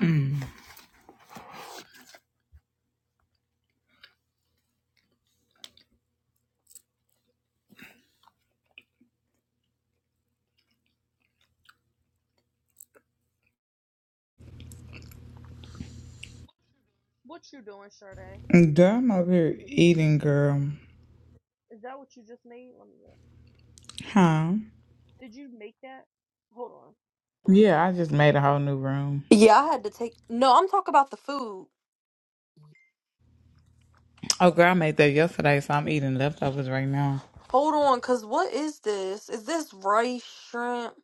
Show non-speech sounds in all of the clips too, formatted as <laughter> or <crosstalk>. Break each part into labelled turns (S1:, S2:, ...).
S1: Mm.
S2: What you doing, Sade?
S1: Girl, I'm over here eating, girl.
S2: Is that what you just made? Let me look.
S1: Huh?
S2: Did you make that? Hold on. Hold
S1: Yeah,
S2: on.
S1: I just made a whole new room.
S2: Yeah, I had to take. No, I'm talking about the food.
S1: Oh, girl, I made that yesterday, so I'm eating leftovers right now.
S2: Hold on, cause what is this? Is this rice shrimp?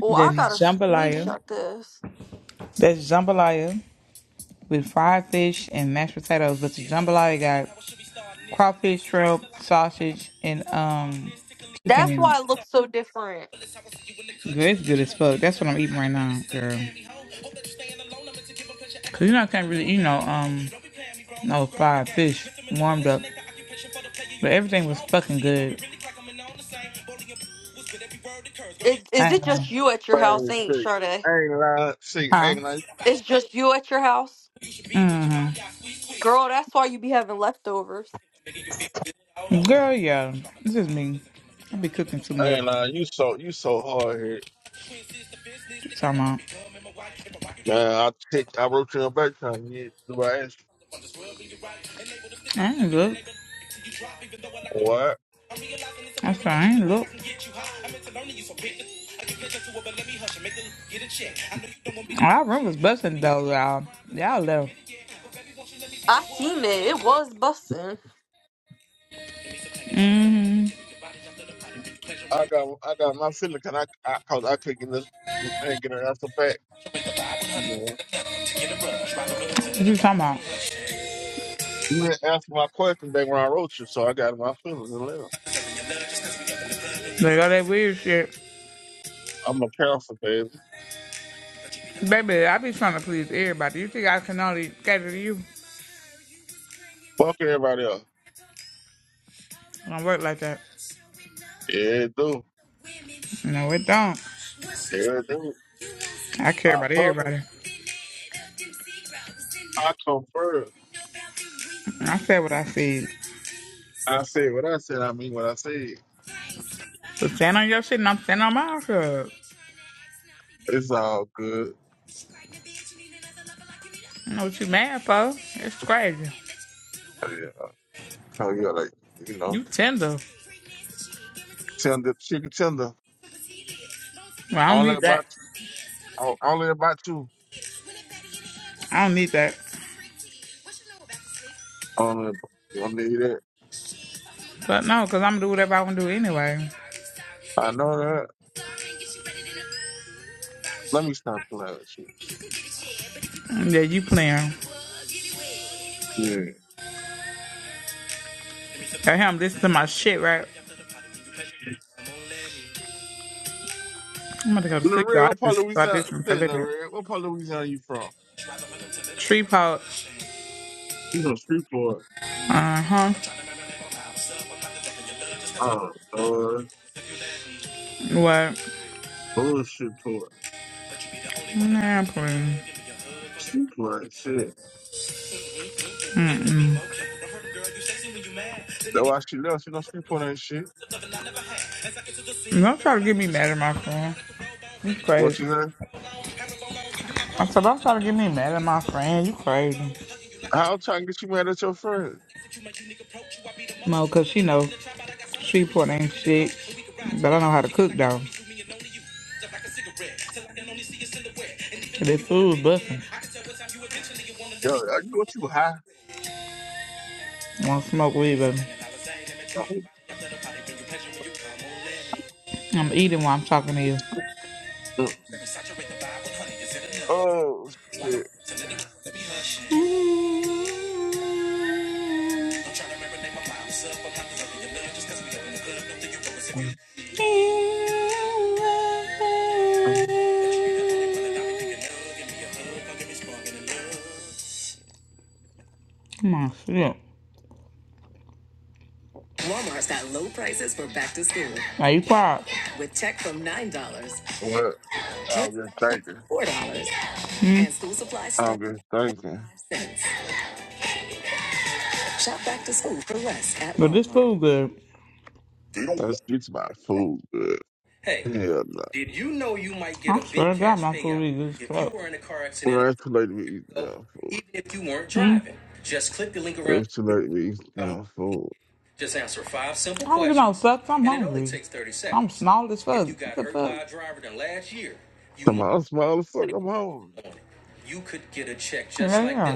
S2: Oh, I
S1: That's
S2: gotta
S1: jambalaya.
S2: screenshot this.
S1: That's jambalaya with fried fish and mashed potatoes. But the jambalaya got crawfish, shrimp, sausage, and um chicken
S2: That's
S1: in
S2: why it looks so different.
S1: it. Girl, it's good as fuck. That's what I'm eating right now, girl. Cause you know I can't really eat no um no fried fish warmed up, but everything was fucking good.
S2: Is
S1: I
S2: is
S1: ain't
S2: it
S1: gonna-
S2: just you at your house?
S3: Man,
S2: Ain't
S3: shit.
S2: Sade?
S3: I ain't lying. See, I
S1: Huh?
S3: ain't lying.
S2: It's just you at your house,
S1: Mm-hmm.
S2: girl. That's why you be having leftovers.
S1: Girl, yeah, this is me. I be cooking too
S3: I
S1: much.
S3: ain't lying. You so you so hard here,
S1: Talking about,
S3: man. I take I wrote you on back trying to get the right answer.
S1: I ain't look.
S3: What?
S1: that's said, I ain't look. Our room was busting though, y'all. Y'all left.
S2: I seen it. It was busting.
S1: Mm-hmm.
S3: I got I got my feeling cause I I cause I couldn't get this I ain't get an answer back. You know,
S1: What you talking about?
S3: you didn't answer my question back when I wrote you, so I got my feelings and left.
S1: Like all that weird shit.
S3: I'm a counselor, baby.
S1: Baby, I be trying to please everybody. You think I can only cater to you?
S3: Fuck everybody else.
S1: It don't work like that.
S3: Yeah, it do.
S1: No, it don't.
S3: Yeah, it do.
S1: I care
S3: I
S1: about
S3: promise.
S1: everybody.
S3: I confirm.
S1: I said what I said.
S3: I said what I said. I mean what I said.
S1: So stand on your shit and I'm standing on my shit.
S3: It's all good.
S1: You know what you mad for? It's crazy.
S3: Yeah. So you gotta, you know,
S1: You tender.
S3: tender, chicken tender,
S1: Well, I don't
S3: all that
S1: need that.
S3: about, all, all that about you.
S1: I don't need that.
S3: All that, you don't need that.
S1: But no, because I'm going to do whatever I want to do anyway.
S3: I know that. Let me stop playing with you.
S1: Yeah, you playing.
S3: Yeah.
S1: I hear him listening to my shit, right? I'm going to go to sleep,
S3: Larry,
S1: though. I
S3: what part of
S1: just started
S3: Louisiana?
S1: this one for a
S3: Say,
S1: little bit.
S3: Larry, what part of Louisiana you from?
S1: Tree pot.
S3: You from Streetport.
S1: Uh-huh.
S3: Oh, Lord.
S1: What?
S3: Oh, Streetport.
S1: Nah, please.
S3: Streetport ain't shit. That's why she left. You know, Streetport ain't shit.
S1: Don't try to get me mad at my friend. You
S3: What
S1: crazy.
S3: you say?
S1: I said, don't try to get me mad at my friend. You crazy.
S3: How I'm trying to get you mad at your friend?
S1: No, because she know tree pot ain't shit. But I know how to cook, though. This food busting.
S3: Yo, I can get you high.
S1: Want to smoke weed, baby. I'm eating while I'm talking to
S3: Oh, shit.
S1: you. Come on, sit Walmart's got low prices for back to school. Now you quiet. With check from nine dollars,
S3: What?
S1: kids
S3: I'm just
S1: fashion for
S3: thinking.
S1: four dollars, Hmm? and school supplies
S3: I'm
S1: start
S3: just thinking.
S1: at cents. Shop back to school for less at Walmart. But this food good.
S3: Let's get to my food. Good. Hell no. Well, it's too late to be eating down food. It's too late to be eating down food.
S1: don't give no questions, fuck. I'm hungry. small as fuck. the
S3: Come on, smile as fuck. I'm home.
S1: Yeah.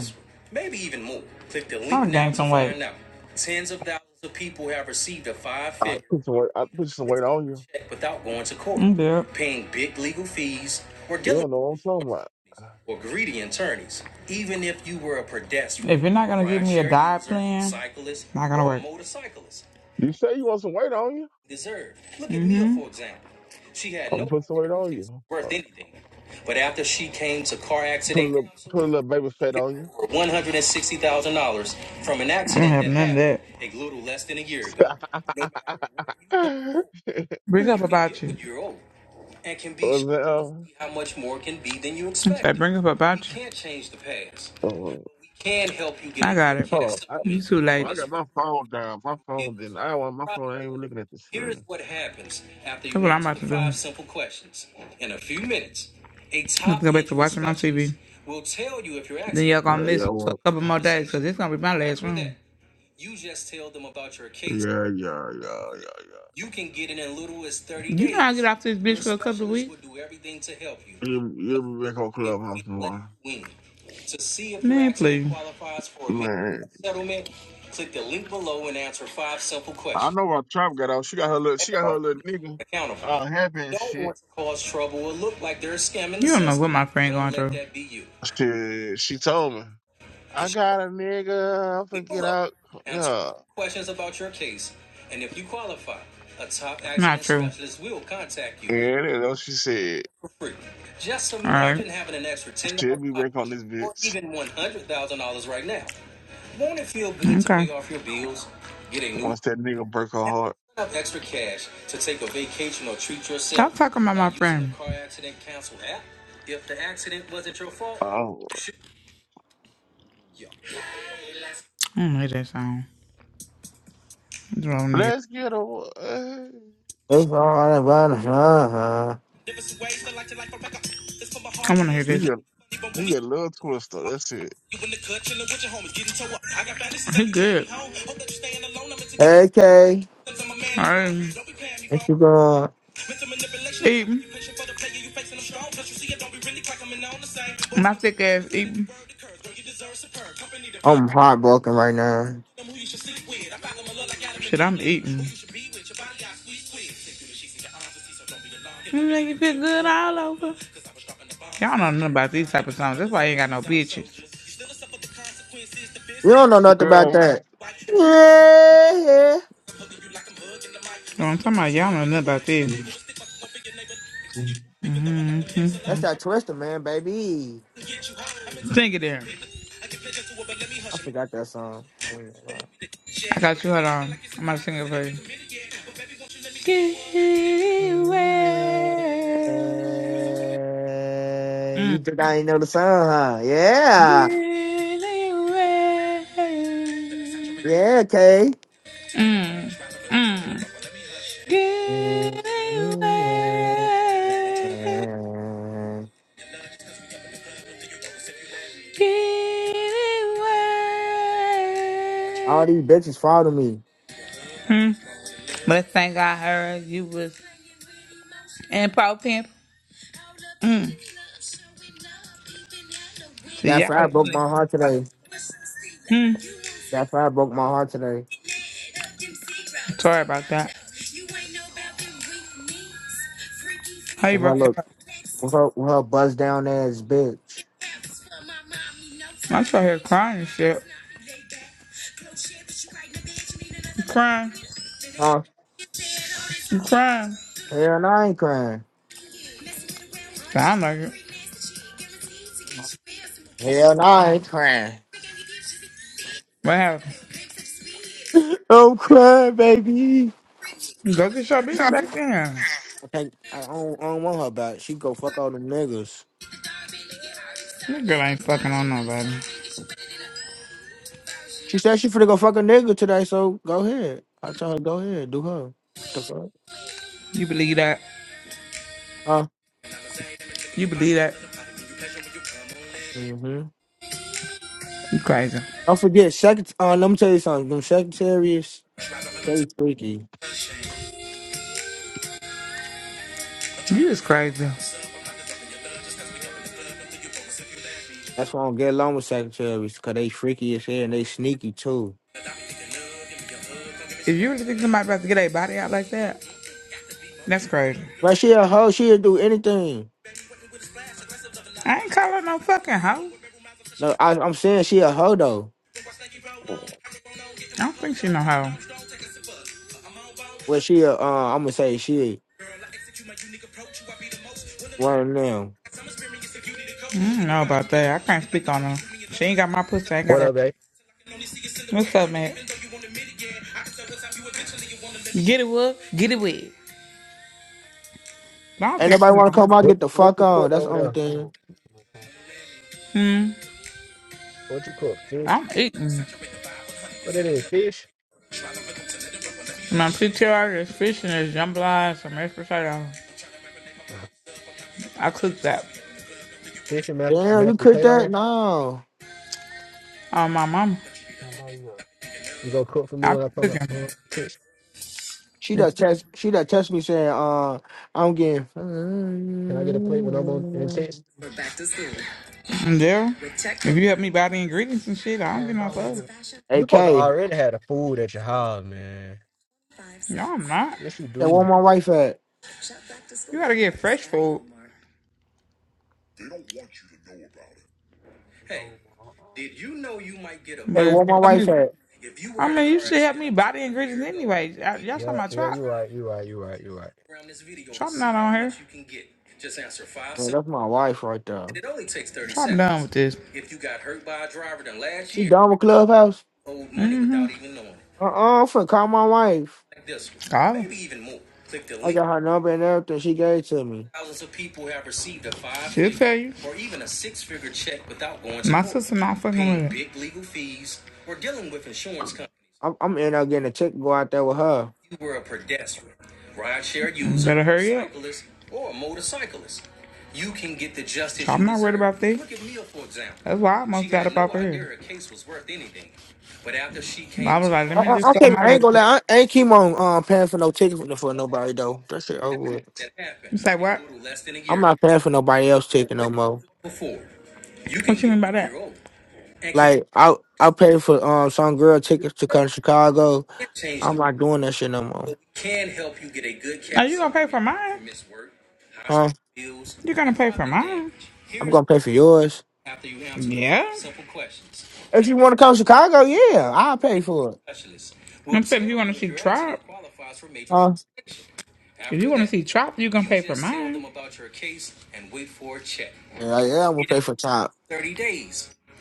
S3: I put some weight. I put some weight on you.
S1: i
S3: You don't know what I'm talking about.
S1: If you're not gonna gonna
S3: You say you want some weight on you. I'm gonna put some weight on you. Uh, Put a little, put a little baby fat on you. <laughs> What's
S1: Bring up
S3: that? Um,
S1: bring up about
S3: uh,
S1: We
S3: hold on. Oh, I got my phone down. My phone didn't. I want my phone. I ain't even looking at the screen.
S1: about to TV. we you
S3: Uh, yeah,
S1: us for a
S3: well,
S1: couple more days, cause it's gonna be my last
S3: yeah, yeah, yeah, yeah, yeah.
S1: off this
S3: You,
S1: because
S3: you be back on Clubhouse tomorrow. Man, I know why Trump got out. She got her little, she got her little nigga, uh, happy and shit.
S1: my friend
S3: She, she told me, I got a nigga. I'm finna get out. Yeah.
S1: Not true.
S3: Yeah, that's what she said.
S1: All
S3: She'll be back on this bitch
S1: Okay.
S3: once that nigga break her heart.
S1: talking about my
S3: Oh,
S1: I don't like that song. That's what I want to hear.
S3: let's get away.
S4: It's all about her.
S1: I want to hear this.
S3: You You got a little twist That's it.
S1: Alright.
S4: Hey, Kay.
S1: <laughs> right.
S4: What you going?
S1: My thick ass eating.
S4: I'm heartbroken right now.
S1: Shit, I'm eating. You make you feel good all over. Y'all don't know nothing about these type of songs. That's why I ain't got no bitches. You
S4: You don't know nothing about
S3: Girl.
S4: that. Yeah. yeah.
S1: know what I'm talking about? Y'all don't know nothing about this.
S4: That's that Twister, man, baby.
S1: Sing it there.
S4: I forgot that song.
S1: I got you. Hold on. I'm about to sing it for you. Get
S4: Yeah.
S1: away. Mm.
S4: You think I ain't know the song, huh? Yeah.
S1: Get away.
S4: Yeah, Kay.
S1: Get away. Get away.
S4: All these bitches follow me.
S1: Mm. But thank God, I heard, you was in pro pimp. Mm. See,
S4: That
S1: y'all, you
S4: frat broke my
S1: niggas don't
S4: heart
S1: know about
S4: today.
S1: that.
S4: That fire broke my heart today.
S1: Sorry about that. How you
S4: With her
S1: broke your
S4: look,
S1: heart?
S4: with her, with her buzz down ass bitch.
S1: I'm sure here crying and shit. You crying.
S4: Huh?
S1: You crying.
S4: Hell no, I ain't crying.
S1: Sound like it.
S4: Hell no, I ain't crying.
S1: What happened?
S4: <laughs> I'm crying, baby.
S1: Go get your bitch
S4: I
S1: back down.
S4: think I don't, I don't want her back. She go fuck all them niggas.
S1: This girl ain't fucking on nobody.
S4: She said she finna go fuck a nigga today, so go ahead. I tell her go ahead, do her. The fuck?
S1: You believe that?
S4: Huh?
S1: You believe that?
S4: Mm-hmm.
S1: You crazy.
S4: Don't forget, secret. Uh, let me tell you something. Them secretaries, they freaky.
S1: You is crazy.
S4: That's why I don't get along with secretaries, cause they freaky as hell and they sneaky too.
S1: If you really think somebody about to get their body out like that, that's crazy.
S4: But she a hoe. She'll do anything.
S1: I ain't call her no fucking hoe.
S4: No, I, I'm saying she a hoe though.
S1: I don't think she no hoe. I
S4: Well, she a, uh, I'm gonna say she one of them.
S1: don't know about that. I can't speak on her. She ain't got my pussy. I ain't got
S5: What
S1: her.
S5: up, babe?
S1: What's up, man? Get it wet, get it wet. I don't
S4: Ain't
S1: think she
S4: nobody
S1: know
S4: wanna
S1: how.
S4: come out
S5: What
S4: get the
S5: what
S4: fuck
S5: you
S4: on.
S5: cooked
S4: That's the
S5: over
S4: only
S5: there?
S4: thing.
S5: What you cook? Fish?
S1: I'm eating.
S5: What it is? Fish?
S1: My PTR is fish and there's jambalaya and some mashed potato.
S5: Oh,
S1: I cook that.
S5: fish and mashed,
S4: Damn, you
S5: mashed
S4: cooked that?
S5: potatoes.
S4: No.
S1: Um, my mama.
S5: You gonna cook for me
S1: I
S5: when
S1: be
S5: I come up
S1: cooking.
S5: on text?
S4: She
S1: If
S4: does text. She does text me saying, "Uh, I'm getting."
S5: Can I get a plate when I'm on in text?
S1: you, and there. if you help me buy the ingredients and shit, I don't get no fuss.
S5: You
S4: Hey
S5: supposed to
S4: K,
S5: already have the food at your house, man.
S1: No, I'm not.
S5: Yes, you
S4: hey,
S5: do.
S4: where my wife at?
S1: You gotta get fresh food. Did you know you might get a? But
S4: Hey,
S1: if
S4: where
S1: you
S4: my
S1: help
S4: wife
S1: me,
S4: at?
S1: I mean, you should help me buy the ingredients anyway. I, y'all talking
S5: Yeah,
S1: about
S5: yeah,
S1: try?
S5: you right, you right, you right, you right.
S4: Man, that's my wife right there.
S1: with this.
S4: You done with Clubhouse? Uh, uh I'm finna call my wife. I got her number and everything she gave it to me.
S1: tell you. not fucking
S4: I'm, I'm in there getting a ticket. Go out there with her.
S1: That's why I
S4: I, I, I, can't, I ain't
S1: liver.
S4: gonna
S1: room.
S4: lie. I, I ain't keep on um, paying for no ticket for, for nobody though. That shit over with. I'm not paying for nobody else ticket no more. Like I I paid for um some girl tickets to come to Chicago. I'm not doing that shit no more. Huh? I'm gonna pay for yours. If you want to come to Chicago, yeah, I'll pay for it. Huh?
S1: if see Trop, you're going mine.
S4: Yeah, yeah, I'm gonna pay for top.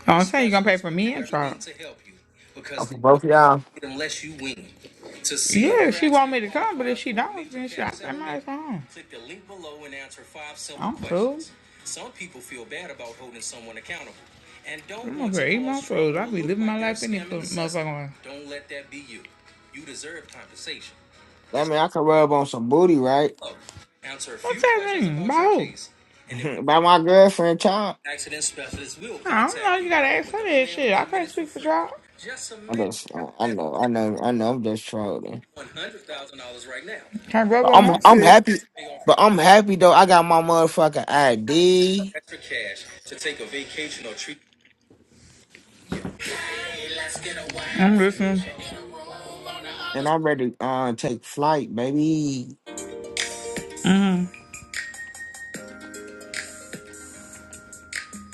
S1: Oh, I'm
S4: Uh, For both of y'all.
S1: I, well. here eating food,
S4: That mean I can rub on some booty, right?
S1: What's happening?
S4: <laughs> By my girlfriend, child.
S1: I don't know. gotta ask with for that shit. I can't speak for y'all.
S4: I'm just, I know, I know, I know. I'm just trolling.
S1: Can't grab
S4: But
S1: on
S4: I'm,
S1: my
S4: I'm
S1: shit.
S4: happy. But I'm happy though. I got my motherfucking ID,
S1: I'm listening.
S4: and I'm ready to uh, take flight, baby.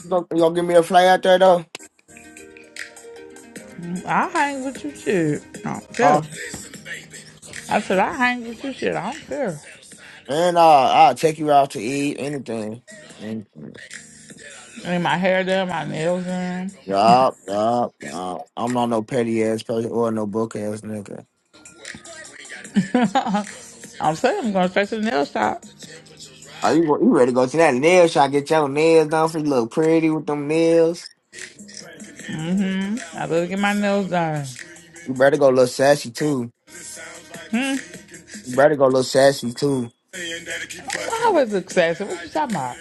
S4: You gonna, you gonna give me a flight out there though?
S1: I hang with you shit. I don't care.
S4: Huh?
S1: I said I hang with you shit. I don't care.
S4: And uh, I'll take you out to eat, anything. And
S1: I need my hair done, my nails done.
S4: yup, yup, yup. I'm not no petty ass person or no book ass nigga.
S1: I'm saying I'm going straight to the nail shop.
S4: Are you you ready to go to that nail shop? Get your nails done for you. Look pretty with them nails.
S1: I better get my nails done.
S4: You better go look sassy too. You better go look sassy too.
S1: Well, I always look sassy. What you talking about?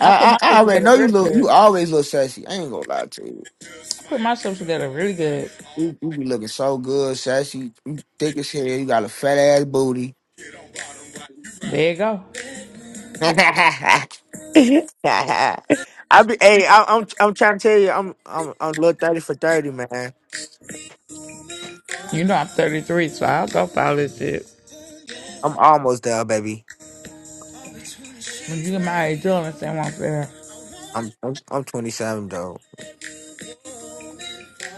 S1: I put
S4: I I, I
S1: myself
S4: already
S1: together
S4: know you
S1: really
S4: look. You
S1: good.
S4: always look sassy. I ain't gonna lie to you.
S1: I put myself together really good.
S4: You, you be looking so good, sassy. You thick as hell. You got a fat ass booty.
S1: There you go.
S4: <laughs> I be, hey, I, I'm, I'm trying to tell you, I'm, I'm, I'm little thirty for thirty, man.
S1: You know I'm 33, so I'll go file this shit.
S4: I'm almost there, baby.
S1: When you get my age, you'll understand what I'm saying.
S4: I'm, I'm, I'm 27 though.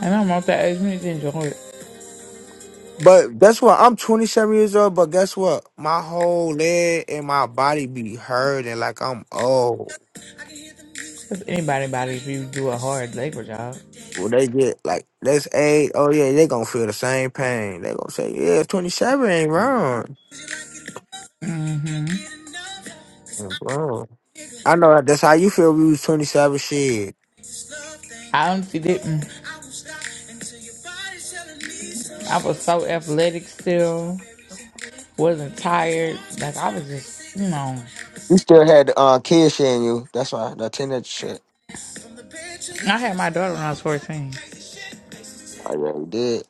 S1: And I'm not that age, you need to enjoy it.
S4: But guess what? I'm 27 years old. But guess what? My whole leg and my body be hurting like I'm old.
S1: Cause anybody body if you do a hard labor job.
S4: Well, they get like that's age, oh yeah, they gonna feel the same pain. They gonna say, yeah, 27 ain't wrong. Ain't wrong. I know that's how you feel. We was 27, shit.
S1: I honestly didn't. I was so athletic still. Wasn't tired. Like I was just, you know.
S4: You still had uh kids in you. That's why the teenage shit.
S1: I had my daughter when I was 14.
S4: I really did.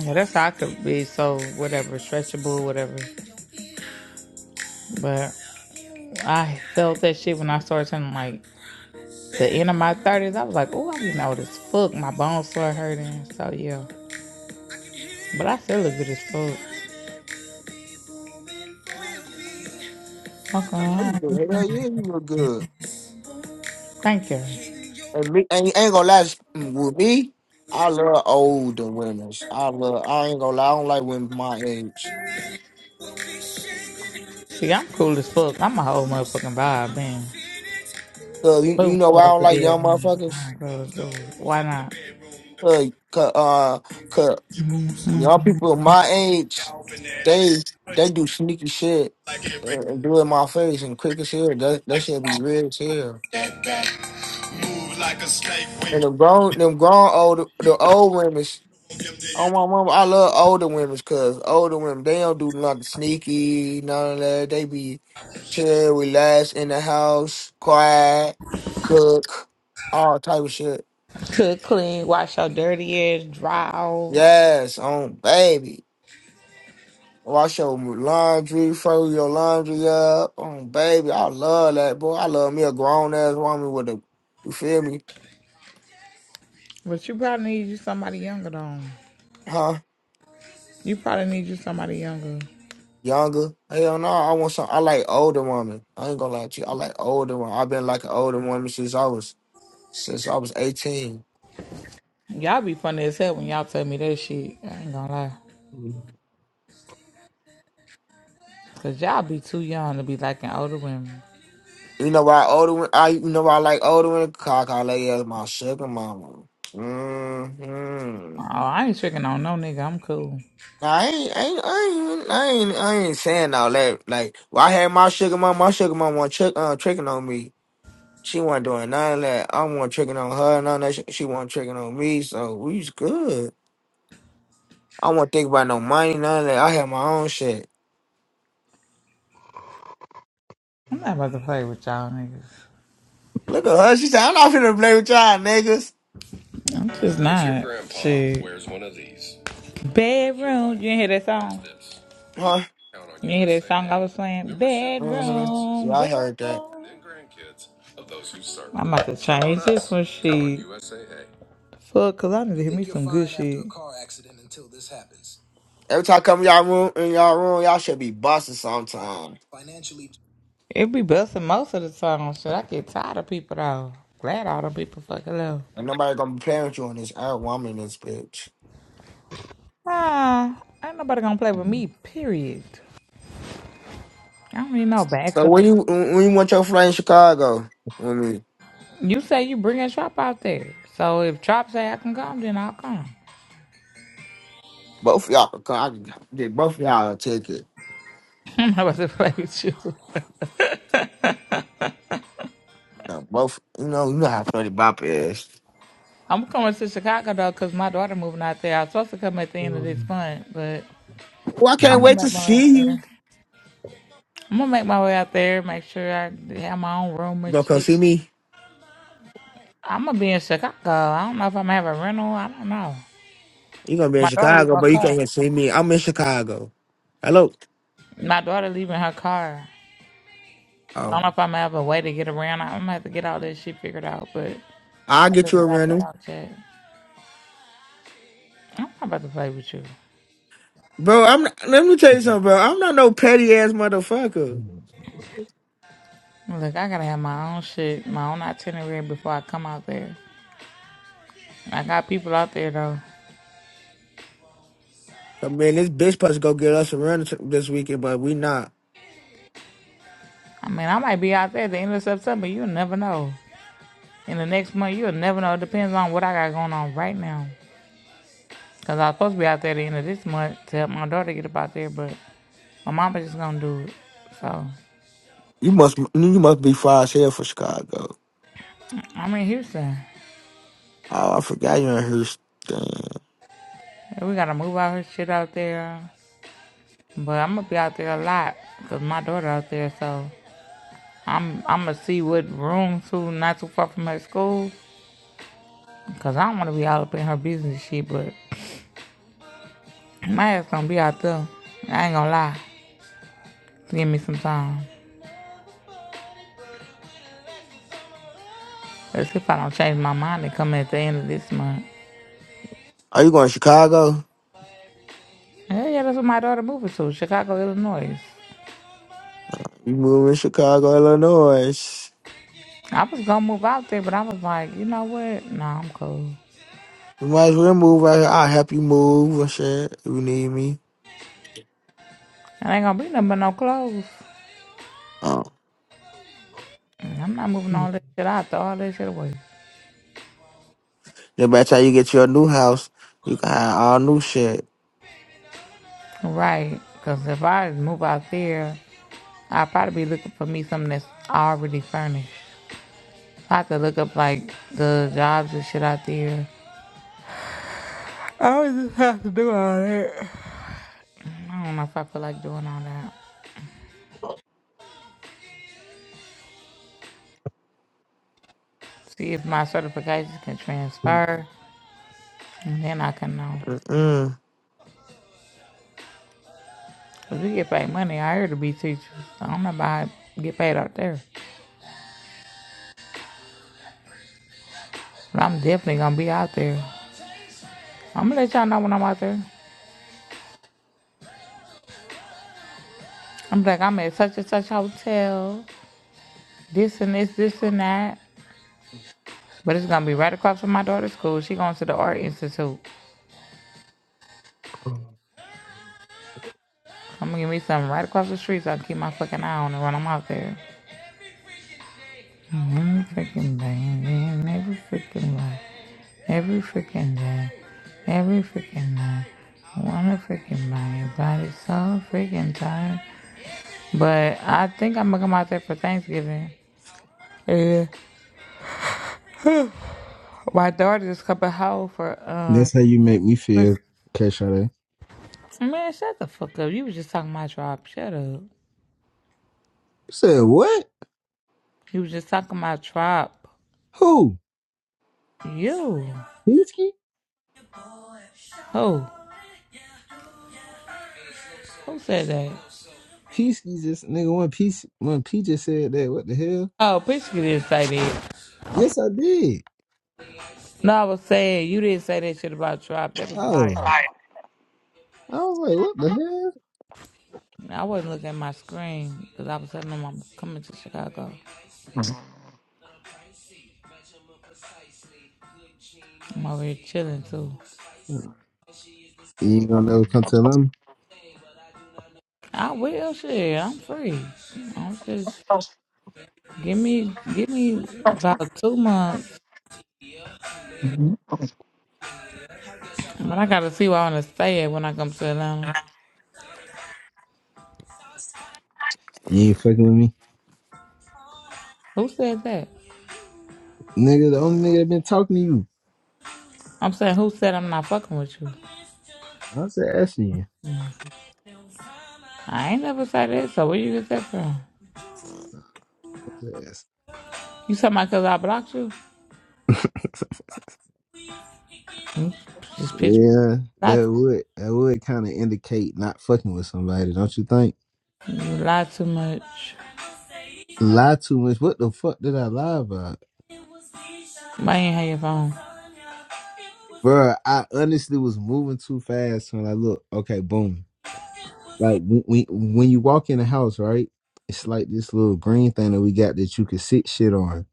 S1: Yeah, that's how I could be so whatever, stretchable, whatever. But I felt that shit when I started turning like the end of my 30s. I was like, oh, I'm getting old as fuck. My bones started hurting. So yeah. But I still look good as fuck. Fuck
S4: I know you
S1: around.
S4: did. Hell yeah, you look good.
S1: Thank you.
S4: And me, and you ain't gonna lie mm, with me. I love older women. I love. I ain't gonna lie. I don't like women my age.
S1: See, I'm cool as fuck. I'm a whole motherfucking vibe, man.
S4: Cause you, you
S1: Boom,
S4: know why I
S1: close
S4: don't
S1: the
S4: like young
S1: bedroom,
S4: motherfuckers.
S1: behind closed door. Why not?
S4: Cause, cause uh, cause young people my age, they they do sneaky shit and and do it in my face and quick as hell. That that shit be real as hell. And them grown, them grown old, the old women. Oh my mama, I love older women because older women they don't do nothing sneaky, none of that. They be chill, relax in the house, quiet, cook, all type of shit.
S1: Cook, clean, wash your dirty ass, dry off.
S4: Yes, on baby, wash your laundry, fold your laundry up, on baby. I love that boy. I love me a grown ass woman with a, you feel me?
S1: But you probably need you somebody younger, though.
S4: Huh?
S1: You probably need you somebody younger.
S4: Younger? Hell no, I want some. I like older woman. I ain't gonna lie to you. I like older one. I've been like an older woman since I was since I was 18.
S1: Y'all be funny as hell when y'all tell me that shit. I ain't gonna lie. Cause y'all be too young to be liking older women.
S4: You know why Odin? I you know why I like Odin? Cause I call lay as my sugar mama.
S1: Oh,
S4: Mm-hmm.
S1: I ain't tricking on no nigga. I'm cool.
S4: Nah, I ain't, I ain't, I ain't, I ain't, I ain't saying all that. Like, well, I had my sugar mama. My sugar mama was trick, uh, tricking on me. She wasn't doing none of that. I wasn't tricking on her. None of that. She, she wasn't tricking on me. So we was good. I wasn't thinking about no money. None of that. I had my own shit.
S1: I'm not about to play with y'all niggas.
S4: Look at her. She said, "I'm not finna play with y'all niggas."
S1: It's What's not. Shit. Bedroom. You didn't hear that song?
S4: Huh?
S1: didn't hear that song I was playing? Bedroom.
S4: Mm-hmm. Yeah, I heard that.
S1: bedroom. I'm about to change this one, Count on shit. Fuck, cause I need to hear me some good shit.
S4: Every time I come in y'all room, in y'all room, y'all should be busting sometime.
S1: It be busting most of the time, shit. I get tired of people though. Glad all them people fucking love.
S4: And nobody gonna be playing with you on this out woman, in this bitch.
S1: Ah, ain't nobody gonna play with me, period. I don't need no
S4: So
S1: backup.
S4: when you when when you want your flight in Chicago, I mean,
S1: You say you bringing Trop out there. So if Trop say I can come, then I'll come.
S4: both of y'all can come. I can get both of y'all a ticket.
S1: <laughs> I'm not about to play with you. <laughs>
S4: You know, both. You know, you know how Freddie Bop is.
S1: I'm coming to Chicago though, cause my daughter moving out there. I was supposed to come at the end of this month, but
S4: Well, I can't
S1: I'm gonna
S4: wait
S1: make
S4: to
S1: my way out
S4: see you.
S1: there. I'm gonna make my way out there, make sure I have my own room
S4: You
S1: and
S4: gonna come
S1: shit.
S4: see me?
S1: I'm gonna be in Chicago. I don't know if I'm gonna have a rental. I don't know.
S4: You gonna be in
S1: My daughter leaving
S4: Chicago,
S1: her
S4: but you can't
S1: car.
S4: come see me. I'm in Chicago. Hello.
S1: My daughter leaving her car. So I
S4: Oh,
S1: don't know if I'm gonna have a way to get around. I'm gonna have to get all this shit figured out, but I
S4: I'll get you
S1: haven't
S4: a
S1: got
S4: rental,
S1: that out yet. I'm not about to play with you.
S4: bro. I'm. Not, let me tell you something, bro. I'm not no petty ass motherfucker.
S1: Look, I gotta have my own shit, my own itinerary before I come out there. I got people out there though.
S4: I mean, this bitch supposed to go get us a run t- this weekend, but we not.
S1: I mean, I might be out there at the end of September. You'll never know. In the next month, you'll never know. It depends on what I got going on right now. Cause I was supposed to be out there at the end of this month to help my daughter get up out there, but my mama just gonna do it. So
S4: You must you must be far as hell for Chicago.
S1: I'm in Houston.
S4: Oh, I forgot you're in Houston.
S1: We gotta move all her shit out there. But I'm gonna be out there a lot because my daughter out there. So I'm I'm gonna see what room to not too far from her school. Cause I don't want to be all up in her business shit, but <clears throat> my ass gonna be out there. I ain't gonna lie. Give me some time. That's if I don't change my mind and come at the end of this month.
S4: Are you going to Chicago?
S1: Hell yeah, that's what my daughter moving to, Chicago, Illinois.
S4: You moving to Chicago, Illinois.
S1: I was gonna move out there, but I was like, you know what? Nah, I'm cool.
S4: You might as well move out here. I'll help you move and shit if you need me.
S1: It ain't gonna be nothing but no clothes.
S4: Oh.
S1: I'm not moving all that shit out, throw all that shit away.
S4: Then by the time you get your new house, you can have all new shit.
S1: Right, cause if I move out there, I'd probably be looking for me something that's already furnished. I could look up like the jobs and shit out there. I always just have to do all that. I don't know if I feel like doing all that. See if my certifications can transfer, and then I can know.
S4: Mm.
S1: Cause we get paid money out here to be teachers. I don't know about get paid out there, but I'm definitely gonna be out there. I'm gonna let y'all know when I'm out there. I'm like I'm at such and such hotel, this and this, this and that. But it's gonna be right across from my daughter's school. She going to the art institute. I'm gonna give me something right across the street so I can keep my fucking eye on it when I'm out there. Every freaking day, man. every freaking day, every freaking day, every freaking day. I Wanna freaking day, body's so freaking tired. But I think I'm gonna come out there for Thanksgiving. Yeah. My daughter just coming home for uh.
S6: That's how you make me feel,
S1: Christmas.
S6: Cash You
S1: Man, shut the fuck up. You was just talking my tribe. Shut up.
S6: said what?
S1: You was just talking my tribe.
S6: Who?
S1: You.
S6: Peasky?
S1: Who? Who said that?
S6: Peasky just nigga when Peace when P just said that, what the hell?
S1: Oh, Priscilla didn't say that.
S6: Yes I did.
S1: No, I was saying you didn't say that shit about Trop. That was bias.
S6: Oh. I was like, what the
S1: I wasn't looking at my screen because I was telling them I'm coming to Chicago. I'm over here chilling too.
S6: hell? You ain't gonna never come tell them.
S1: I will shit. I'm free. I'm just give me give me about two months, but I gotta see where I wanna stay at when I come to Atlanta.
S6: You ain't fucking with me.
S1: Who said that?
S6: Nigga, the only nigga that been talking to you.
S1: I'm saying who said I'm not fucking with you?
S6: I said asking you.
S1: I ain't never said that. So where you get that from?
S6: I said,
S1: You talking about 'cause I blocked you?
S6: <laughs>
S1: Just pitch.
S6: yeah, that would that would kinda indicate not fucking with somebody, don't you think?
S1: You lie too much.
S6: Lie too much. What the fuck did I lie about?
S1: Why you ain't have your phone?
S6: Bro, I honestly was moving too fast when I look. Okay, boom. Like when, when when you walk in the house, right? It's like this little green thing that we got that you can sit shit on.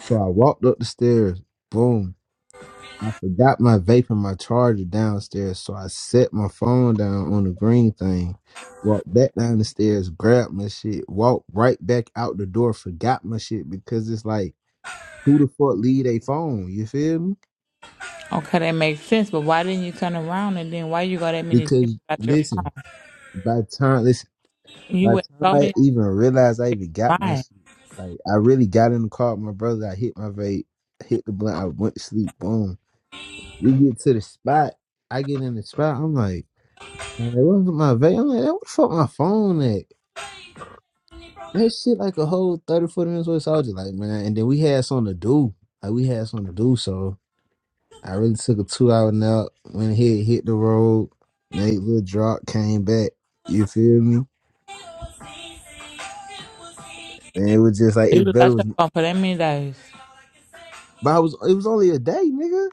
S6: So I walked up the stairs. Boom. I forgot my vape and my charger downstairs, so I set my phone down on the green thing. Walked back down the stairs, grabbed my shit, walked right back out the door, forgot my shit because it's like, who the fuck leave a phone? You feel me?
S1: Okay, that makes sense, but why didn't you turn around and then why you got that many days
S6: Because
S1: without your phone?
S6: listen, by the time listen. By
S1: You
S6: the
S1: went
S6: time
S1: so
S6: I
S1: many
S6: even realized I
S1: days
S6: even got
S1: without
S6: my
S1: lying.
S6: shit, like I really got in the car with my brother. I hit my vape, hit the blunt. I went to sleep. Boom. We get to the spot. I get in the spot. I'm like, "All right, where's my vape? I'm like, "Where the fuck my phone at? That shit like a whole 30, 40 minutes away. So I was just like, man. And then we had something to do. Like we had something to do. So I really took a two hour nap. Went ahead, hit the road, made a little drop, came back. You feel me? Man, it was just like
S1: You
S6: it better
S1: without your
S6: was.
S1: phone for that many days.
S6: But I was it was only a day, nigga.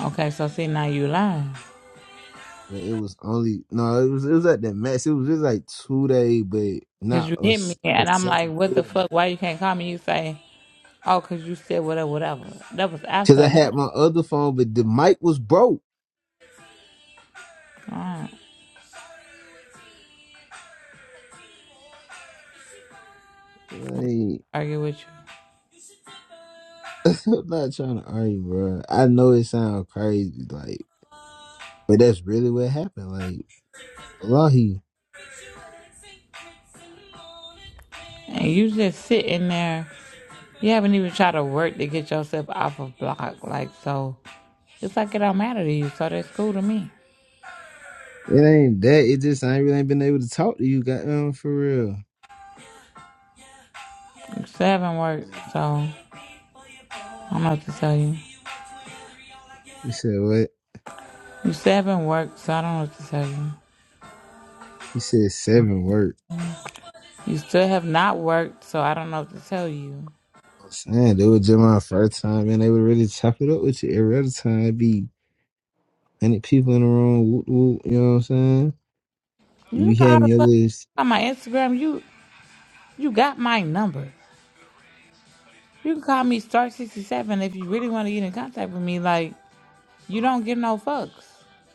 S1: Okay, so see now you lying.
S6: Like, it was only no, it was it was at the max. It was just like two day, but
S1: Cause
S6: not
S1: you
S6: a,
S1: hit me
S6: s- a
S1: and I'm like,
S6: second
S1: what
S6: four
S1: the
S6: day.
S1: fuck? Why you can't call me? You say, oh, cause you said whatever, whatever. That was
S6: Cause I
S1: after
S6: had
S1: that.
S6: my other phone, but the mic was broke.
S1: Alright,
S6: Like
S1: argue with you.
S6: <laughs> I'm not trying to argue, bro. I know it sounds crazy, like, but that's really what happened. Like, wallahi,
S1: And you just sitting there. You haven't even tried to work to get yourself off of block. Like so, it's like it don't matter to you. So that's cool to me.
S6: it ain't that. It just I ain't really ain't been able to talk to you, goddamn, for real.
S1: Seven works, so I don't know what to tell you.
S6: He said what?
S1: You still haven't worked, so I don't know what to tell you.
S6: He said seven words.
S1: You still have not worked, so I don't know what to tell you.
S6: saying they were just my first time, man. They would really chop it up with you every other time. be hundred people in the room, whoop whoop. You know what I'm saying? You
S1: You know
S6: be
S1: how
S6: having
S1: to
S6: your
S1: fuck
S6: list,
S1: on my Instagram. You you got my number. You can call me star sixty seven if you really want to get in contact with me. Like you don't give no fucks.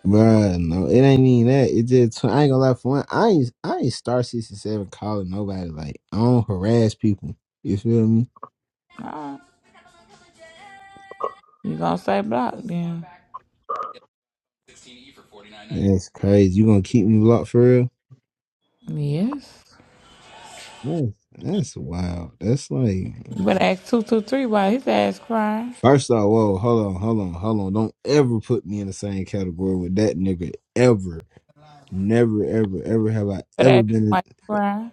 S6: bruh. No, it ain't even that. It just I ain't gonna lie for one. I ain't I ain't star sixty seven calling nobody. Like I don't harass people. You feel me?
S1: Alright. You gonna stay blocked then?
S6: That's crazy. You gonna keep me blocked for real?
S1: Yes.
S6: Yes. That's wild. That's like.
S1: You better ask two two three why his ass crying.
S6: First off, whoa, hold on, hold on, hold on. Don't ever put me in the same category with that nigga ever. Never, ever, ever have I
S1: Better ask
S6: ever
S1: him why
S6: been.
S1: he crying.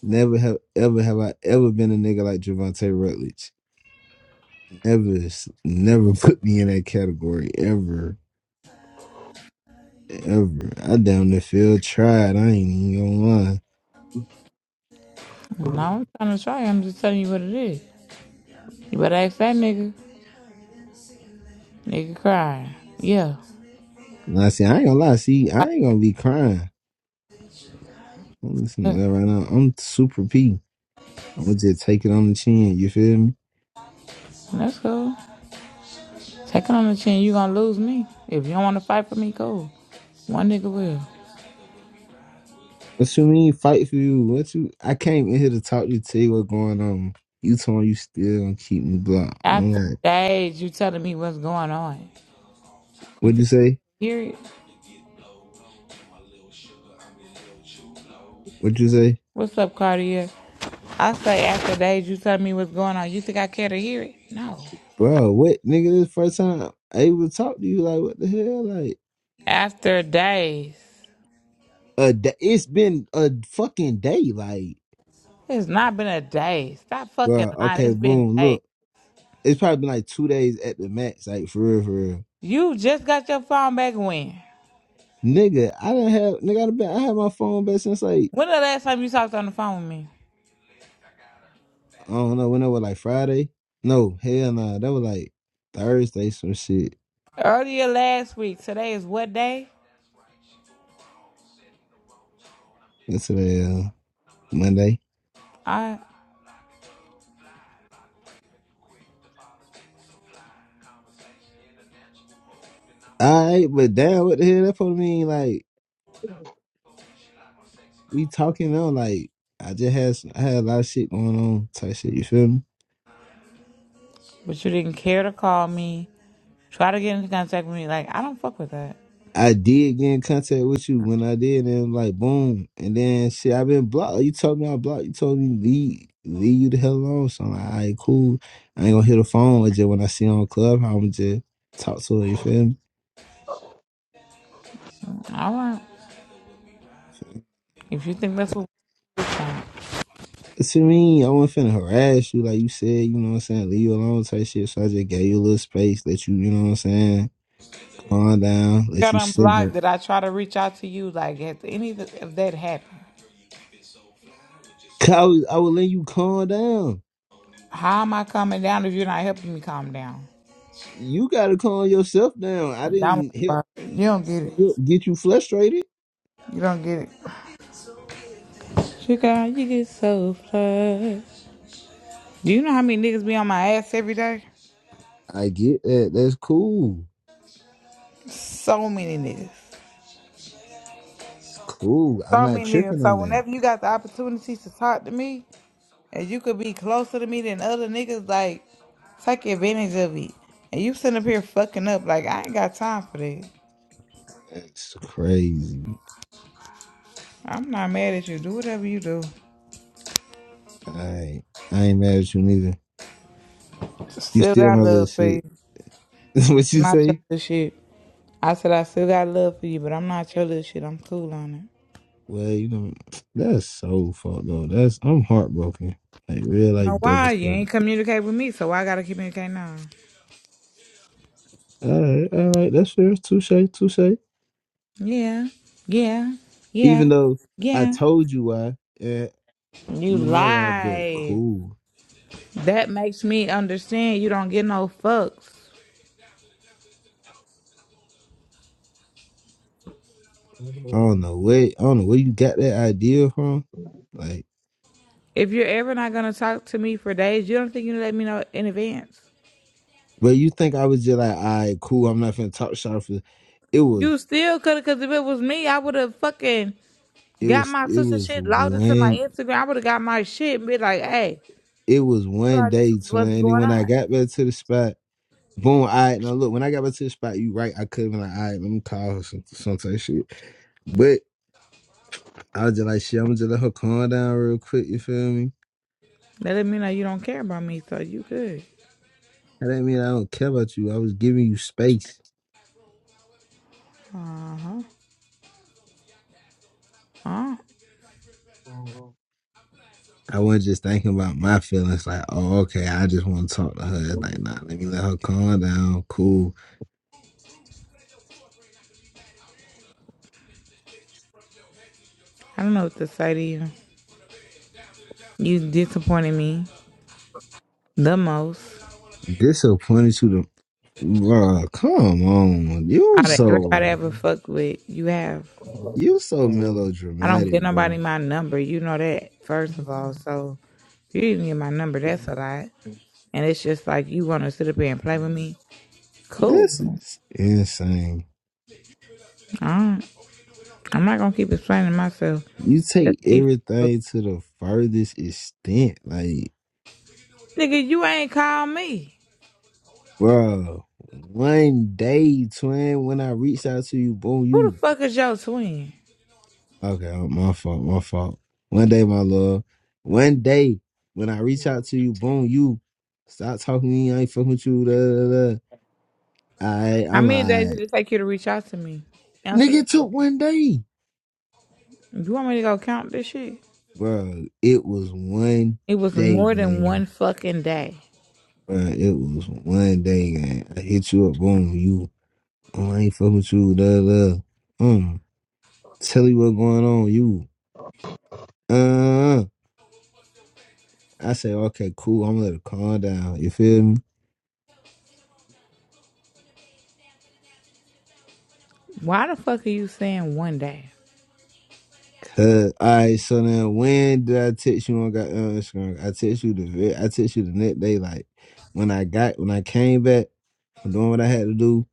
S6: Never have ever have I ever been a nigga like Javante Rutledge. Never, never put me in that category ever, ever. I down the field tried. I ain't even gonna lie.
S1: Well, no, I'm trying to try. I'm just telling you what it is. You better ask that nigga. Nigga cry. Yeah.
S6: And I see, I ain't gonna lie. See, I ain't gonna be crying. I'm listening to that right now. I'm super P. I'm gonna just take it on the chin. You feel me?
S1: That's cool. Take it on the chin. You gonna lose me. If you don't wanna fight for me, cool. One nigga will.
S6: What you mean fight for you? What you? I came in here to talk to you, tell you what's going on. You told me you still gonna keep me blocked. I'm
S1: After
S6: like,
S1: days, you telling me what's going on. You
S6: what'd
S1: think
S6: you
S1: I
S6: say?
S1: hear it?
S6: What'd you say?
S1: What's up, Cartier? I say after days, you telling me what's going on. You think I care to hear it? No.
S6: bro, what nigga? This first time I able to talk to you, like, what the hell? Like,
S1: After days.
S6: a da- it's been a fucking day, like,
S1: It's not been a day. Stop fucking
S6: bro.
S1: lying.
S6: Okay,
S1: It's been
S6: boom.
S1: days.
S6: Look, it's probably been like two days at the max, like for real, for real.
S1: You just got your phone back when?
S6: Nigga, I didn't have nigga. I done been, I had my phone back since like
S1: When the last time you talked on the phone with me?
S6: I don't know when that was like Friday. No, hell nah, that was like Thursday, some shit.
S1: Earlier last week, today is what day?
S6: That's today, uh, Monday.
S1: I
S6: All right, but damn, what the hell? That probably mean like we talking now, like. I just had some, I had a lot of shit going on, type shit. You feel me?
S1: but you didn't care to call me. Try to get into contact with me. Like I don't fuck with that.
S6: I did get in contact with you when I did, and like boom, and then shit, I've been blocked. You told me I blocked. You told me leave, leave you the hell alone. So I'm like, all right, cool. I ain't gonna hit the phone. It's just when I see her on club, I'm just talk to her. You feel me?
S1: All right. If you think that's what
S6: What you I wasn't finna harass you, like you said. You know what I'm saying? Leave you alone, type shit. So I just gave you a little space, let you, you know what I'm saying, calm down, let
S1: got
S6: you
S1: unblocked,
S6: simmer.
S1: did I try to reach out to you? Like if any of that happened,
S6: 'Cause I was, I would let you calm down.
S1: how am I coming down if you're not helping me calm down?
S6: You gotta calm yourself down. I
S1: Don't
S6: didn't hit.
S1: worry about it. You don't get it.
S6: He'll get you frustrated.
S1: You don't get it. You got you get so flushed. Do you know how many niggas be on my ass every day?
S6: I get that. That's cool.
S1: So many niggas.
S6: It's cool. I'm
S1: So
S6: not
S1: many niggas.
S6: tripping on
S1: So
S6: that.
S1: whenever you got the opportunity to talk to me. And you could be closer to me than other niggas, like, take advantage of it. And you sitting up here fucking up, like, I ain't got time for that.
S6: That's crazy.
S1: I'm not mad at you. Do whatever you do.
S6: I I ain't mad at you neither. You
S1: Still
S6: still my
S1: got
S6: little
S1: love for you.
S6: shit. <laughs> what
S1: I'm
S6: you
S1: not your
S6: say?
S1: little shit. I said, I still got love for you, but I'm not your little shit. I'm cool on it.
S6: Well, you know, that's so fucked up. That's I'm heartbroken. Like real
S1: Now,
S6: life
S1: why? You
S6: devastated.
S1: ain't communicate with me, so I gotta communicate now.
S6: All right, all right, that's fair. Touche, touche.
S1: Yeah, yeah, yeah,
S6: Even though I
S1: yeah.
S6: told you why, and
S1: You
S6: you know I bet
S1: lie.
S6: cool.
S1: That makes me understand you don't get no fucks.
S6: I don't know where I don't know where you got that idea from. Like
S1: If you're ever not gonna talk to me for days, you don't think you let me know in advance.
S6: But you think I was just like, all right, cool. I'm not finna talk shop for. It
S1: You
S6: was,
S1: still could've, cause if it was me, I would've fucking
S6: it
S1: got
S6: was,
S1: my
S6: it
S1: sister
S6: was
S1: shit logged into my
S6: one,
S1: Instagram. I would've got my shit and be like, hey,
S6: it was one
S1: sorry, this
S6: day,
S1: is
S6: twin.
S1: what's
S6: And then
S1: going
S6: when I
S1: on.
S6: got back to the spot, boom. All right, now look, when I got back to the spot, you right. I could have been like, all right, let me call her some, some type of shit. But I was just like, shit, I'm gonna just let her calm down real quick. You feel me?
S1: That let me know you don't care about me, so you good.
S6: That didn't mean I don't care about you. I was giving you space.
S1: Uh huh. Uh,
S6: I wasn't just thinking about my feelings. Like, oh, okay, I just want to talk to her. It's Like, nah, let me let her calm down. Cool
S1: I don't know what to say to you. You disappointed me the most
S6: disappointed you. Bro, come on. You
S1: out of
S6: so
S1: everybody I ever fucked with. You have.
S6: you so
S1: I don't give
S6: melodramatic,
S1: nobody
S6: bro.
S1: my number. You know that, first of all. So if you didn't get my number, that's a lot. And it's just like you wanna sit up here and play with me.
S6: This
S1: Cool.
S6: is insane.
S1: I gonna keep explaining myself.
S6: You
S1: That's
S6: take
S1: how you feel.
S6: everything to the furthest extent. Like,
S1: Nigga, you ain't called me.
S6: bro, one day, twin, when I reached out to you, boom,
S1: Who the
S6: you
S1: fuck is your twin?
S6: okay, oh, my fault, my fault. One day, my love. One day when I reach out to you, boom, you stop talking to me, I ain't fucking with you, da da da. I
S1: How
S6: I'm
S1: many days did
S6: like,
S1: it take you to reach out to me? Answer
S6: nigga
S1: that
S6: it took
S1: question.
S6: one day.
S1: You want me to go count this shit?
S6: bro, it was one
S1: It was
S6: day
S1: more than one
S6: game.
S1: fucking day.
S6: Bro, it was one day game. I hit you up, boom, you. Oh, I ain't fucking with you, da da. Um, tell you what's going on, you. Uh, I say, okay, cool. I'm gonna let it calm down. You feel me?
S1: Why the fuck are you saying one day?
S6: Cause, all right. So then, when did I text you on got on Instagram? I text you the ve- I text you the next day. Like when I got when I came back from doing what I had to do,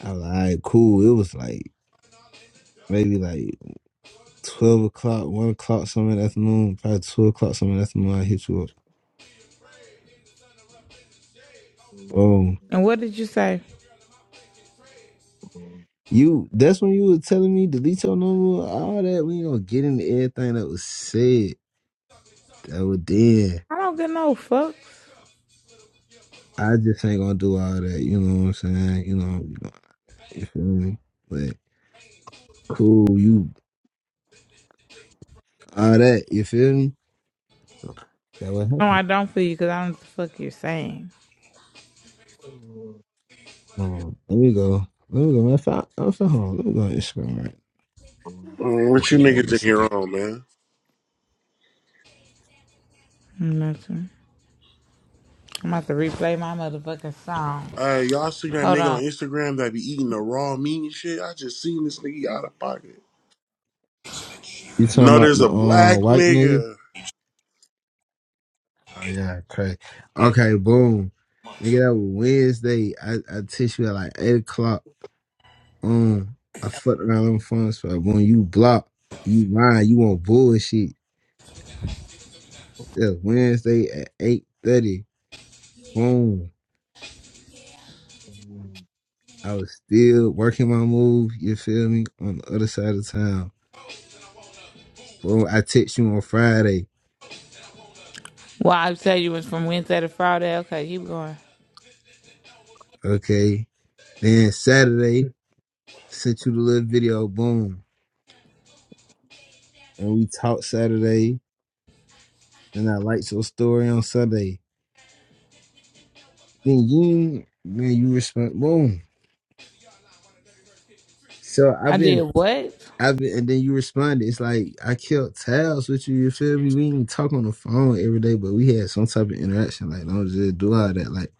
S6: I was like, all right, cool. It was like maybe like 12 o'clock, 1 o'clock, something in the afternoon, probably 2 o'clock, something in the afternoon, I hit you up. Oh,
S1: And what did you say?
S6: you, that's when you was telling me delete your number, all that. We ain't gonna get into everything that was said, that was then.
S1: I don't get no fucks.
S6: I just ain't gonna do all that, you know what I'm saying? You know, you, know, you feel me? But cool, you, all that, you feel me? So, that what
S1: No,
S6: happened.
S1: I don't feel you because I don't know what the fuck you're saying.
S6: Um, let me go. Let me go. man. Matter of fact, I'm hold on. Let me go on Instagram right. now.
S7: Mm, What
S6: Look
S7: you
S6: at our
S7: niggas in here
S6: messages.
S7: on, man?
S1: Nothing. I'm about to replay my motherfucking song.
S7: Uh, y'all seen that
S1: Hold
S7: nigga
S1: on.
S7: on Instagram that be eating the raw meat and shit? I just seen this nigga out of pocket.
S6: You talking
S7: No,
S6: about
S7: there's
S6: the
S7: a
S6: uh,
S7: black
S6: white nigga?
S7: nigga.
S6: Oh yeah, crazy. Okay, boom. Nigga, that was Wednesday. I, I text you at like eight o'clock. Um, I fucked around on phone so when you block, you lying, you want bullshit. Yeah, Wednesday at eight thirty. Boom. I was still working my move, you feel me? On the other side of town. Boom, I text you on Friday.
S1: Well, I said you was from Wednesday to Friday. Okay, keep going.
S6: Okay. Then Saturday, sent you the little video, boom. And we talked Saturday. Then I liked your story on Sunday. Then you man, you respond. Boom. So
S1: I
S6: I've
S1: did
S6: been,
S1: what?
S6: I've been, and then you responded. It's like I killed tabs with you. You feel me? We didn't talk on the phone every day, but we had some type of interaction. Like don't just do all that. Like,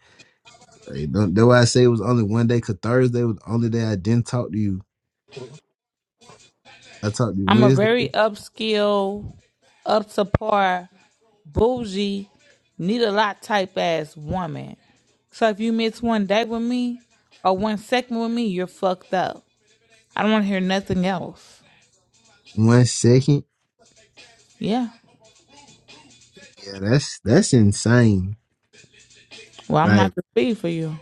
S6: like don't, that's why I say it was only one day. Cause Thursday was the only day I didn't talk to you. I talked to you
S1: I'm a
S6: Wednesday,
S1: very upskill, up to par, bougie, need a lot type ass woman. So if you miss one day with me or one second with me, you're fucked up. I don't want to hear nothing else.
S6: one second.
S1: Yeah.
S6: Yeah, that's that's insane.
S1: Well, I'm
S6: Like.
S1: not the speed for you.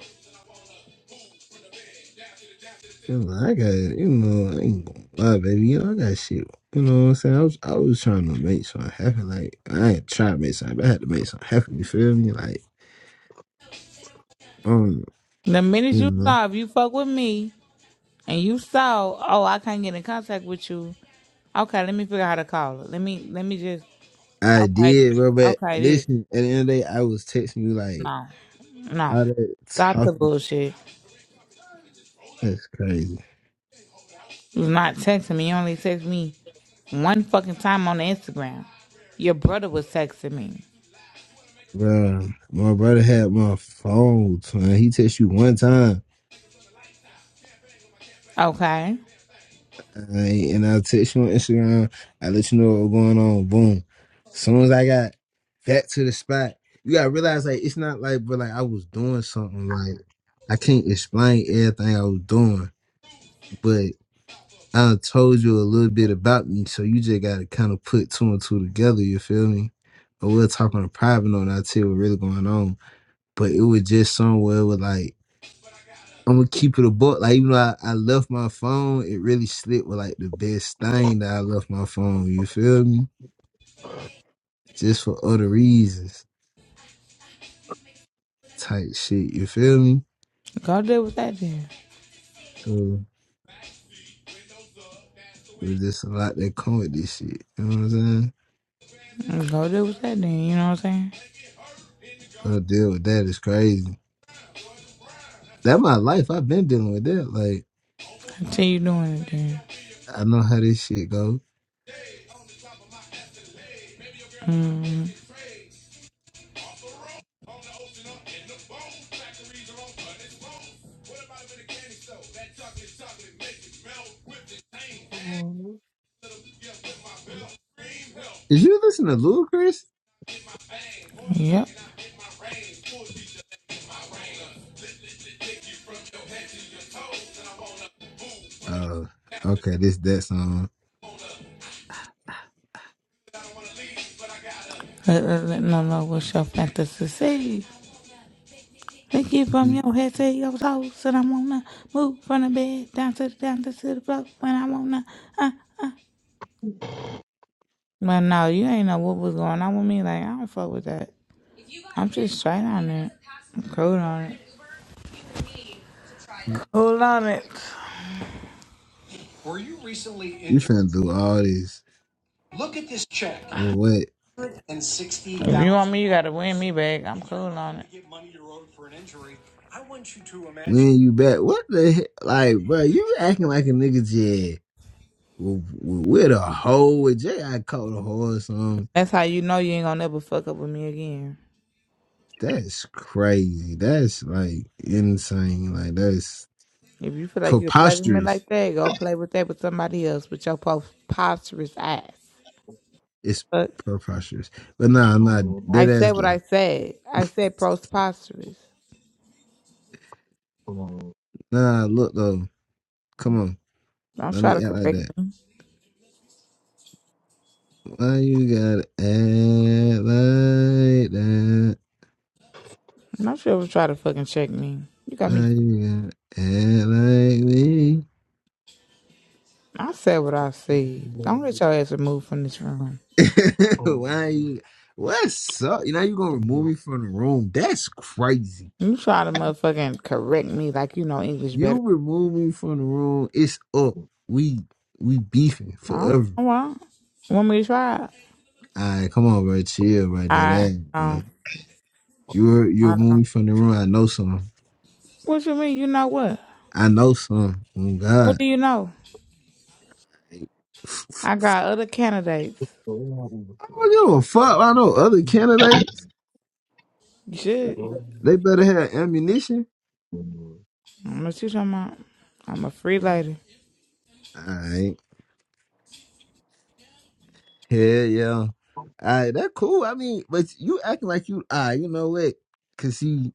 S6: You know, I got, you know, I ain't gonna lie, baby. You know, I got shit. You know what I'm saying? I was, I was trying to make something happen. Like, I ain't trying to make something, but I had to make something happen. You feel me? Like, um,
S1: The minute
S6: you
S1: you
S6: know,
S1: stop, you fuck with me. and you saw, oh, I can't get in contact with you. Okay, let me figure out how to call her. Let me let me just
S6: I
S1: okay this.
S6: did, bro. But
S1: Okay this.
S6: listen, at the end of the day, I was texting you, like,
S1: No. No.
S6: all that
S1: Stop the
S6: talking.
S1: bullshit.
S6: That's crazy.
S1: You was not texting me. You only text me one fucking time on Instagram. Your brother was texting me.
S6: Bro, my brother had my phone, son. He texted you one time.
S1: Okay.
S6: Alright, and I'll text you on Instagram. I let you know what's going on. Boom. soon as I got back to the spot, you gotta realize like it's not like but like I was doing something like I can't explain everything I was doing, but I told you a little bit about me, so you just gotta kind of put two and two together. You feel me? But we'll talk on a private note. And I'll tell you what's really going on. But it was just somewhere with like I'm gonna keep it a book. Like even though I, I left my phone, it really slipped with like the best thing that I left my phone. You feel me? Just for other reasons, type shit. You feel me?
S1: Go deal with that then.
S6: So it was just a lot that come with this shit. You know what I'm saying?
S1: Go deal with that then. You know what I'm saying?
S6: Gotta deal with that is crazy. That my life. I've been dealing with that. Like
S1: Continue doing it then.
S6: I know how this shit go.
S1: Mm,
S6: Did you listen to Lil Chris?
S1: yep.
S6: Oh, okay. This that song.
S1: Let, let, let no know what's your fantasy. Thank you from
S6: You
S1: your head to your toes, and I am wanna move from the bed down to the down to, the floor when I wanna. Uh. But no, you ain't know what was going on with me. Like I don't fuck with that. I'm just straight on it. I'm cool on it. Cool on it.
S6: finna do all this for what?
S1: And sixty. If you want me, you gotta win me back. I'm cool on it. Get money you owed for an injury. I want you to imagine.
S6: When you back, what the hell? Like, bro, you acting like a nigga Jay. With with a hoe, with Jay, I caught a hoe or something.
S1: That's how you know you ain't gonna never fuck up with me again.
S6: That's crazy. That's like insane. Like, that's
S1: If you feel like you can play with me
S6: preposterous.
S1: like that, go play with that with somebody else with your pos- preposterous ass.
S6: It's
S1: Fuck.
S6: preposterous. But nah, nah,
S1: I
S6: dead
S1: said
S6: ass
S1: what I
S6: though.
S1: said. I said prosperous.
S6: Nah, look though. Come on.
S1: Don't
S6: Let
S1: try to
S6: me act like
S1: correct
S6: that.
S1: me.
S6: Why you gotta act like that?
S1: Don't you ever try to fucking check me. You got me.
S6: Why you gotta act like me?
S1: I said what I said. Don't let your ass remove from this room.
S6: <laughs> Why you? What's up? Now you gonna remove me from the room? That's crazy.
S1: You try to motherfucking correct me like you know English better.
S6: You remove me from the room. It's up. We we beefing
S1: Oh,
S6: forever.
S1: well, want me to try?
S6: All right, come on, bro. Chill, bro. That
S1: I
S6: ass, bro.
S1: um,
S6: You you
S1: I
S6: remove
S1: don't.
S6: me from the room. I know something.
S1: What you mean? You know what?
S6: I know something. Oh
S1: What
S6: God.
S1: do you know? I got other candidates.
S6: I don't give a fuck. I know other candidates.
S1: You
S6: They
S1: should.
S6: they better have ammunition.
S1: I don't know what you talking about. I'm a free lady.
S6: All right. Hell yeah. All right, that cool. I mean, but you acting like you, ah, you know what? Cause see,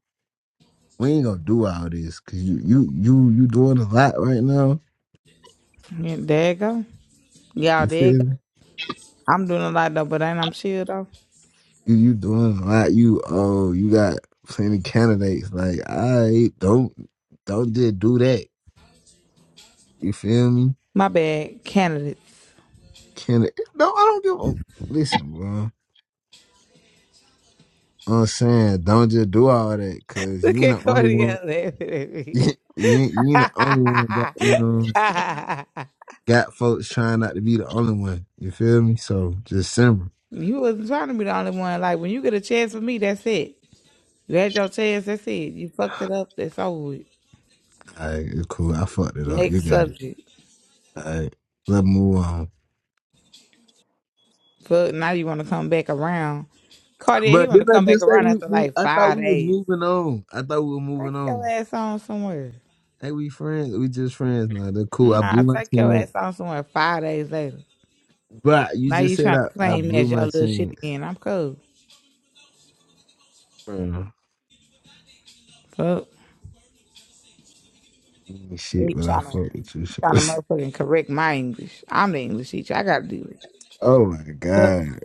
S6: we ain't gonna do all this. Cause you, you, you, you doing a lot right now.
S1: Yeah, there you go. Y'all,
S6: You
S1: there you
S6: feel me?
S1: I'm doing a lot though, but ain't I'm chill though.
S6: You, you doing a lot. You, oh, you got plenty candidates. Like, all right, don't, don't just do that. You feel me?
S1: My bad, candidates.
S6: Can it? no, I don't give a listen, bro. I'm saying, don't just do all that.
S1: <laughs>
S6: Cause
S1: Look
S6: you ain't
S1: at
S6: the only
S1: Cody
S6: one.
S1: out laughing at me.
S6: <laughs> You, ain't- you ain't the only one. Got you know. got folks trying not to be the only one. You feel me? So just simmer.
S1: <laughs> you wasn't trying to be the only one. Like when you get a chance with me, that's it. You had your chance, that's it. You fucked it up, that's over with.
S6: All right, it's cool. I fucked it up. You
S1: Next
S6: got it.
S1: subject.
S6: All right, let's move on.
S1: Fuck now you wanna come back around. Cartier, he
S6: But
S1: wanna
S6: didn't I
S1: come back
S6: just say
S1: around
S6: we,
S1: after
S6: we?
S1: like
S6: I thought
S1: five
S6: we was
S1: days.
S6: moving on. I thought we were
S1: Take
S6: moving
S1: your
S6: on.
S1: ass on somewhere.
S6: Hey, we friends. We just friends now. They're cool. I
S1: Nah,
S6: blew my
S1: take your
S6: chance.
S1: ass on somewhere five days later.
S6: But you
S1: Now
S6: just
S1: you
S6: said
S1: trying to
S6: I, I
S1: claim me
S6: blew
S1: as your
S6: my
S1: little shit
S6: chance.
S1: again. I'm cool.
S6: Bro,
S1: Fuck.
S6: ain't shit,
S1: You
S6: but I
S1: trying to
S6: fucked with you.
S1: trying to
S6: shawty.
S1: motherfucking correct my English. I'm the English teacher. I gotta do it.
S6: <laughs> oh my
S1: Fuck.
S6: god,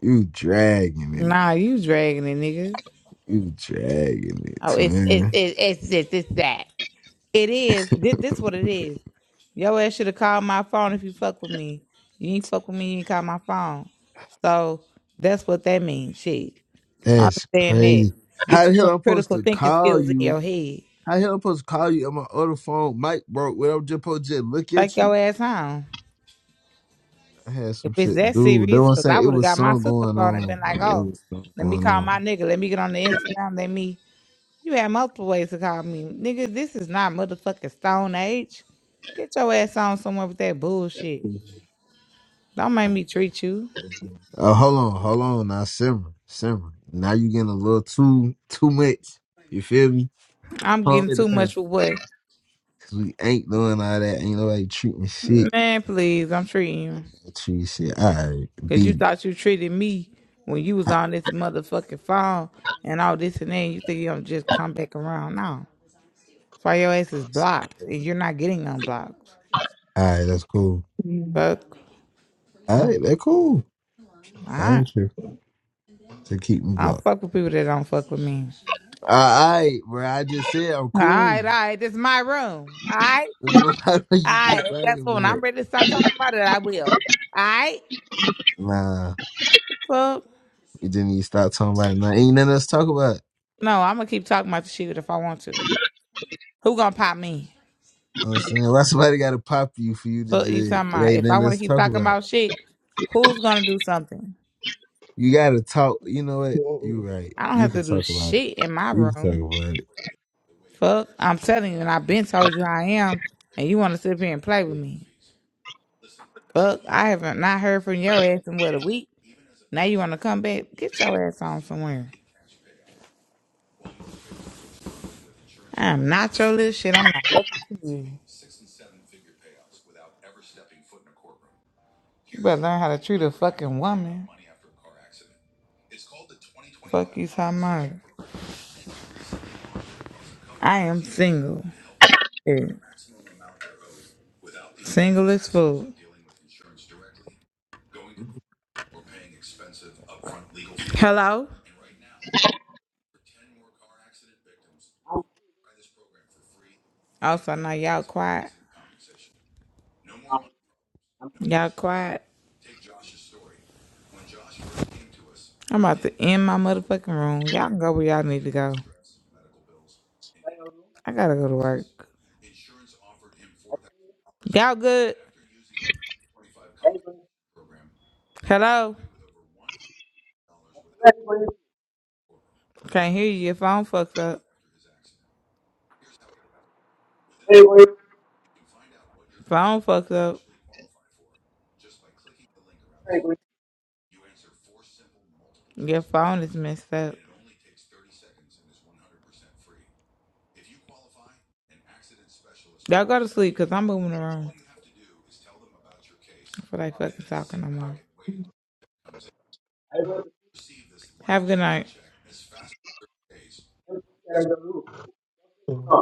S6: you dragging
S1: Nah,
S6: it.
S1: you dragging it, nigga.
S6: You dragging it,
S1: Oh, it's it's
S6: twin.
S1: it's it's this it's that. It is. This, this what it is. Your ass should have called my phone if you fuck with me. You ain't fuck with me, you ain't call my phone. So that's what that means. Shit.
S6: That's
S1: Understand that.
S6: crazy. How
S1: Get you
S6: the hell
S1: some
S6: I'm supposed
S1: critical
S6: to
S1: thinking
S6: call
S1: skills in
S6: you?
S1: your head.
S6: How the hell I'm supposed to call you on my other phone? Mike broke. Where I'm just supposed to just look
S1: Take
S6: at
S1: your
S6: you?
S1: ass home.
S6: I had
S1: If
S6: some
S1: it's
S6: shit to
S1: that
S6: do. That's
S1: serious,
S6: what
S1: because I
S6: saying. It
S1: would have
S6: was
S1: got my
S6: something
S1: sister
S6: going
S1: phone and
S6: on,
S1: been
S6: bro.
S1: like,
S6: It
S1: oh,
S6: was something
S1: let me
S6: going
S1: call my
S6: on.
S1: nigga. Let me get on the Instagram. Let me. You had multiple ways to call me. Nigga, this is not motherfucking Stone Age. Get your ass on somewhere with that bullshit. Don't make me treat you.
S6: Uh, hold on, hold on. Now simmer, simmer. Now you getting a little too, too much. You feel me?
S1: I'm
S6: Calm
S1: getting too
S6: it down.
S1: much for what?
S6: Cause we ain't doing all that. Ain't nobody treating shit.
S1: Man, please, I'm treating you.
S6: Treat shit. All right,
S1: Because you
S6: beat it.
S1: thought you treated me when you was on this motherfucking phone and all this and that. You think you're going to just come back around. No. That's why your ass is blocked and you're not getting unblocked.
S6: All right, that's cool.
S1: Fuck.
S3: <laughs>
S6: All right, that cool.
S1: All
S6: All
S1: right.
S6: right, to keep me
S1: I don't
S6: blocked.
S1: fuck with people that don't fuck with me.
S6: All right, bro. I just said I'm
S1: All right,
S6: cool.
S1: all right. This is my room. All right.
S6: <laughs> Why do
S1: All
S6: you keep
S1: right. Guess
S6: talking
S1: what? When
S6: about
S1: I'm
S6: it?
S1: ready to stop talking about it, I will. All right.
S6: Nah,
S1: Fuck.
S6: you didn't even stop talking about it. Nah, ain't nothing else to talk about.
S1: No, I'm gonna keep talking about the shit if I want to. Who gonna pop me?
S6: You know what I'm saying? Why somebody got to pop you for you to
S1: Fuck you
S6: just,
S1: talking
S6: it
S1: about.
S6: ain't
S1: If I
S6: nothing
S1: wanna
S6: else to
S1: keep
S6: talk
S1: talking
S6: about.
S1: about shit, who's gonna do something?
S6: You got to talk. You know what? You
S3: Whoa.
S6: right.
S1: I don't
S6: You
S1: have to
S6: can
S1: do
S6: talk about it.
S1: shit in my
S6: You can
S1: room.
S6: talk about it.
S1: Fuck. I'm telling you, and I've been told you I am, and you wanna sit up here and play with me. Fuck, I haven't not heard from your ass in what a week. Now you want to come back? Get your ass on somewhere. I am not your little shit. I'm not listening to you. You better learn how to treat a fucking woman. Fuck you, talking about? I am single. Yeah. Single as fuck. Hello.
S8: I'm
S1: Also, now y'all quiet.
S8: I'm I'm
S1: Y'all quiet. I'm about to end my motherfucking room. Y'all can go where y'all need to go.
S8: going
S1: I gotta go to work. Y'all good?
S8: I'm going
S1: Hello?
S8: I'm going
S1: Can't hear you. Your phone fucked up.
S8: I'm going
S1: Phone fucked up.
S8: I'm going
S1: Your phone is messed up. Y'all go to sleep because I'm moving around. That's what I fucking talking no more.
S8: I'm going I'm going
S1: Have a good night.
S8: I'm going I'm going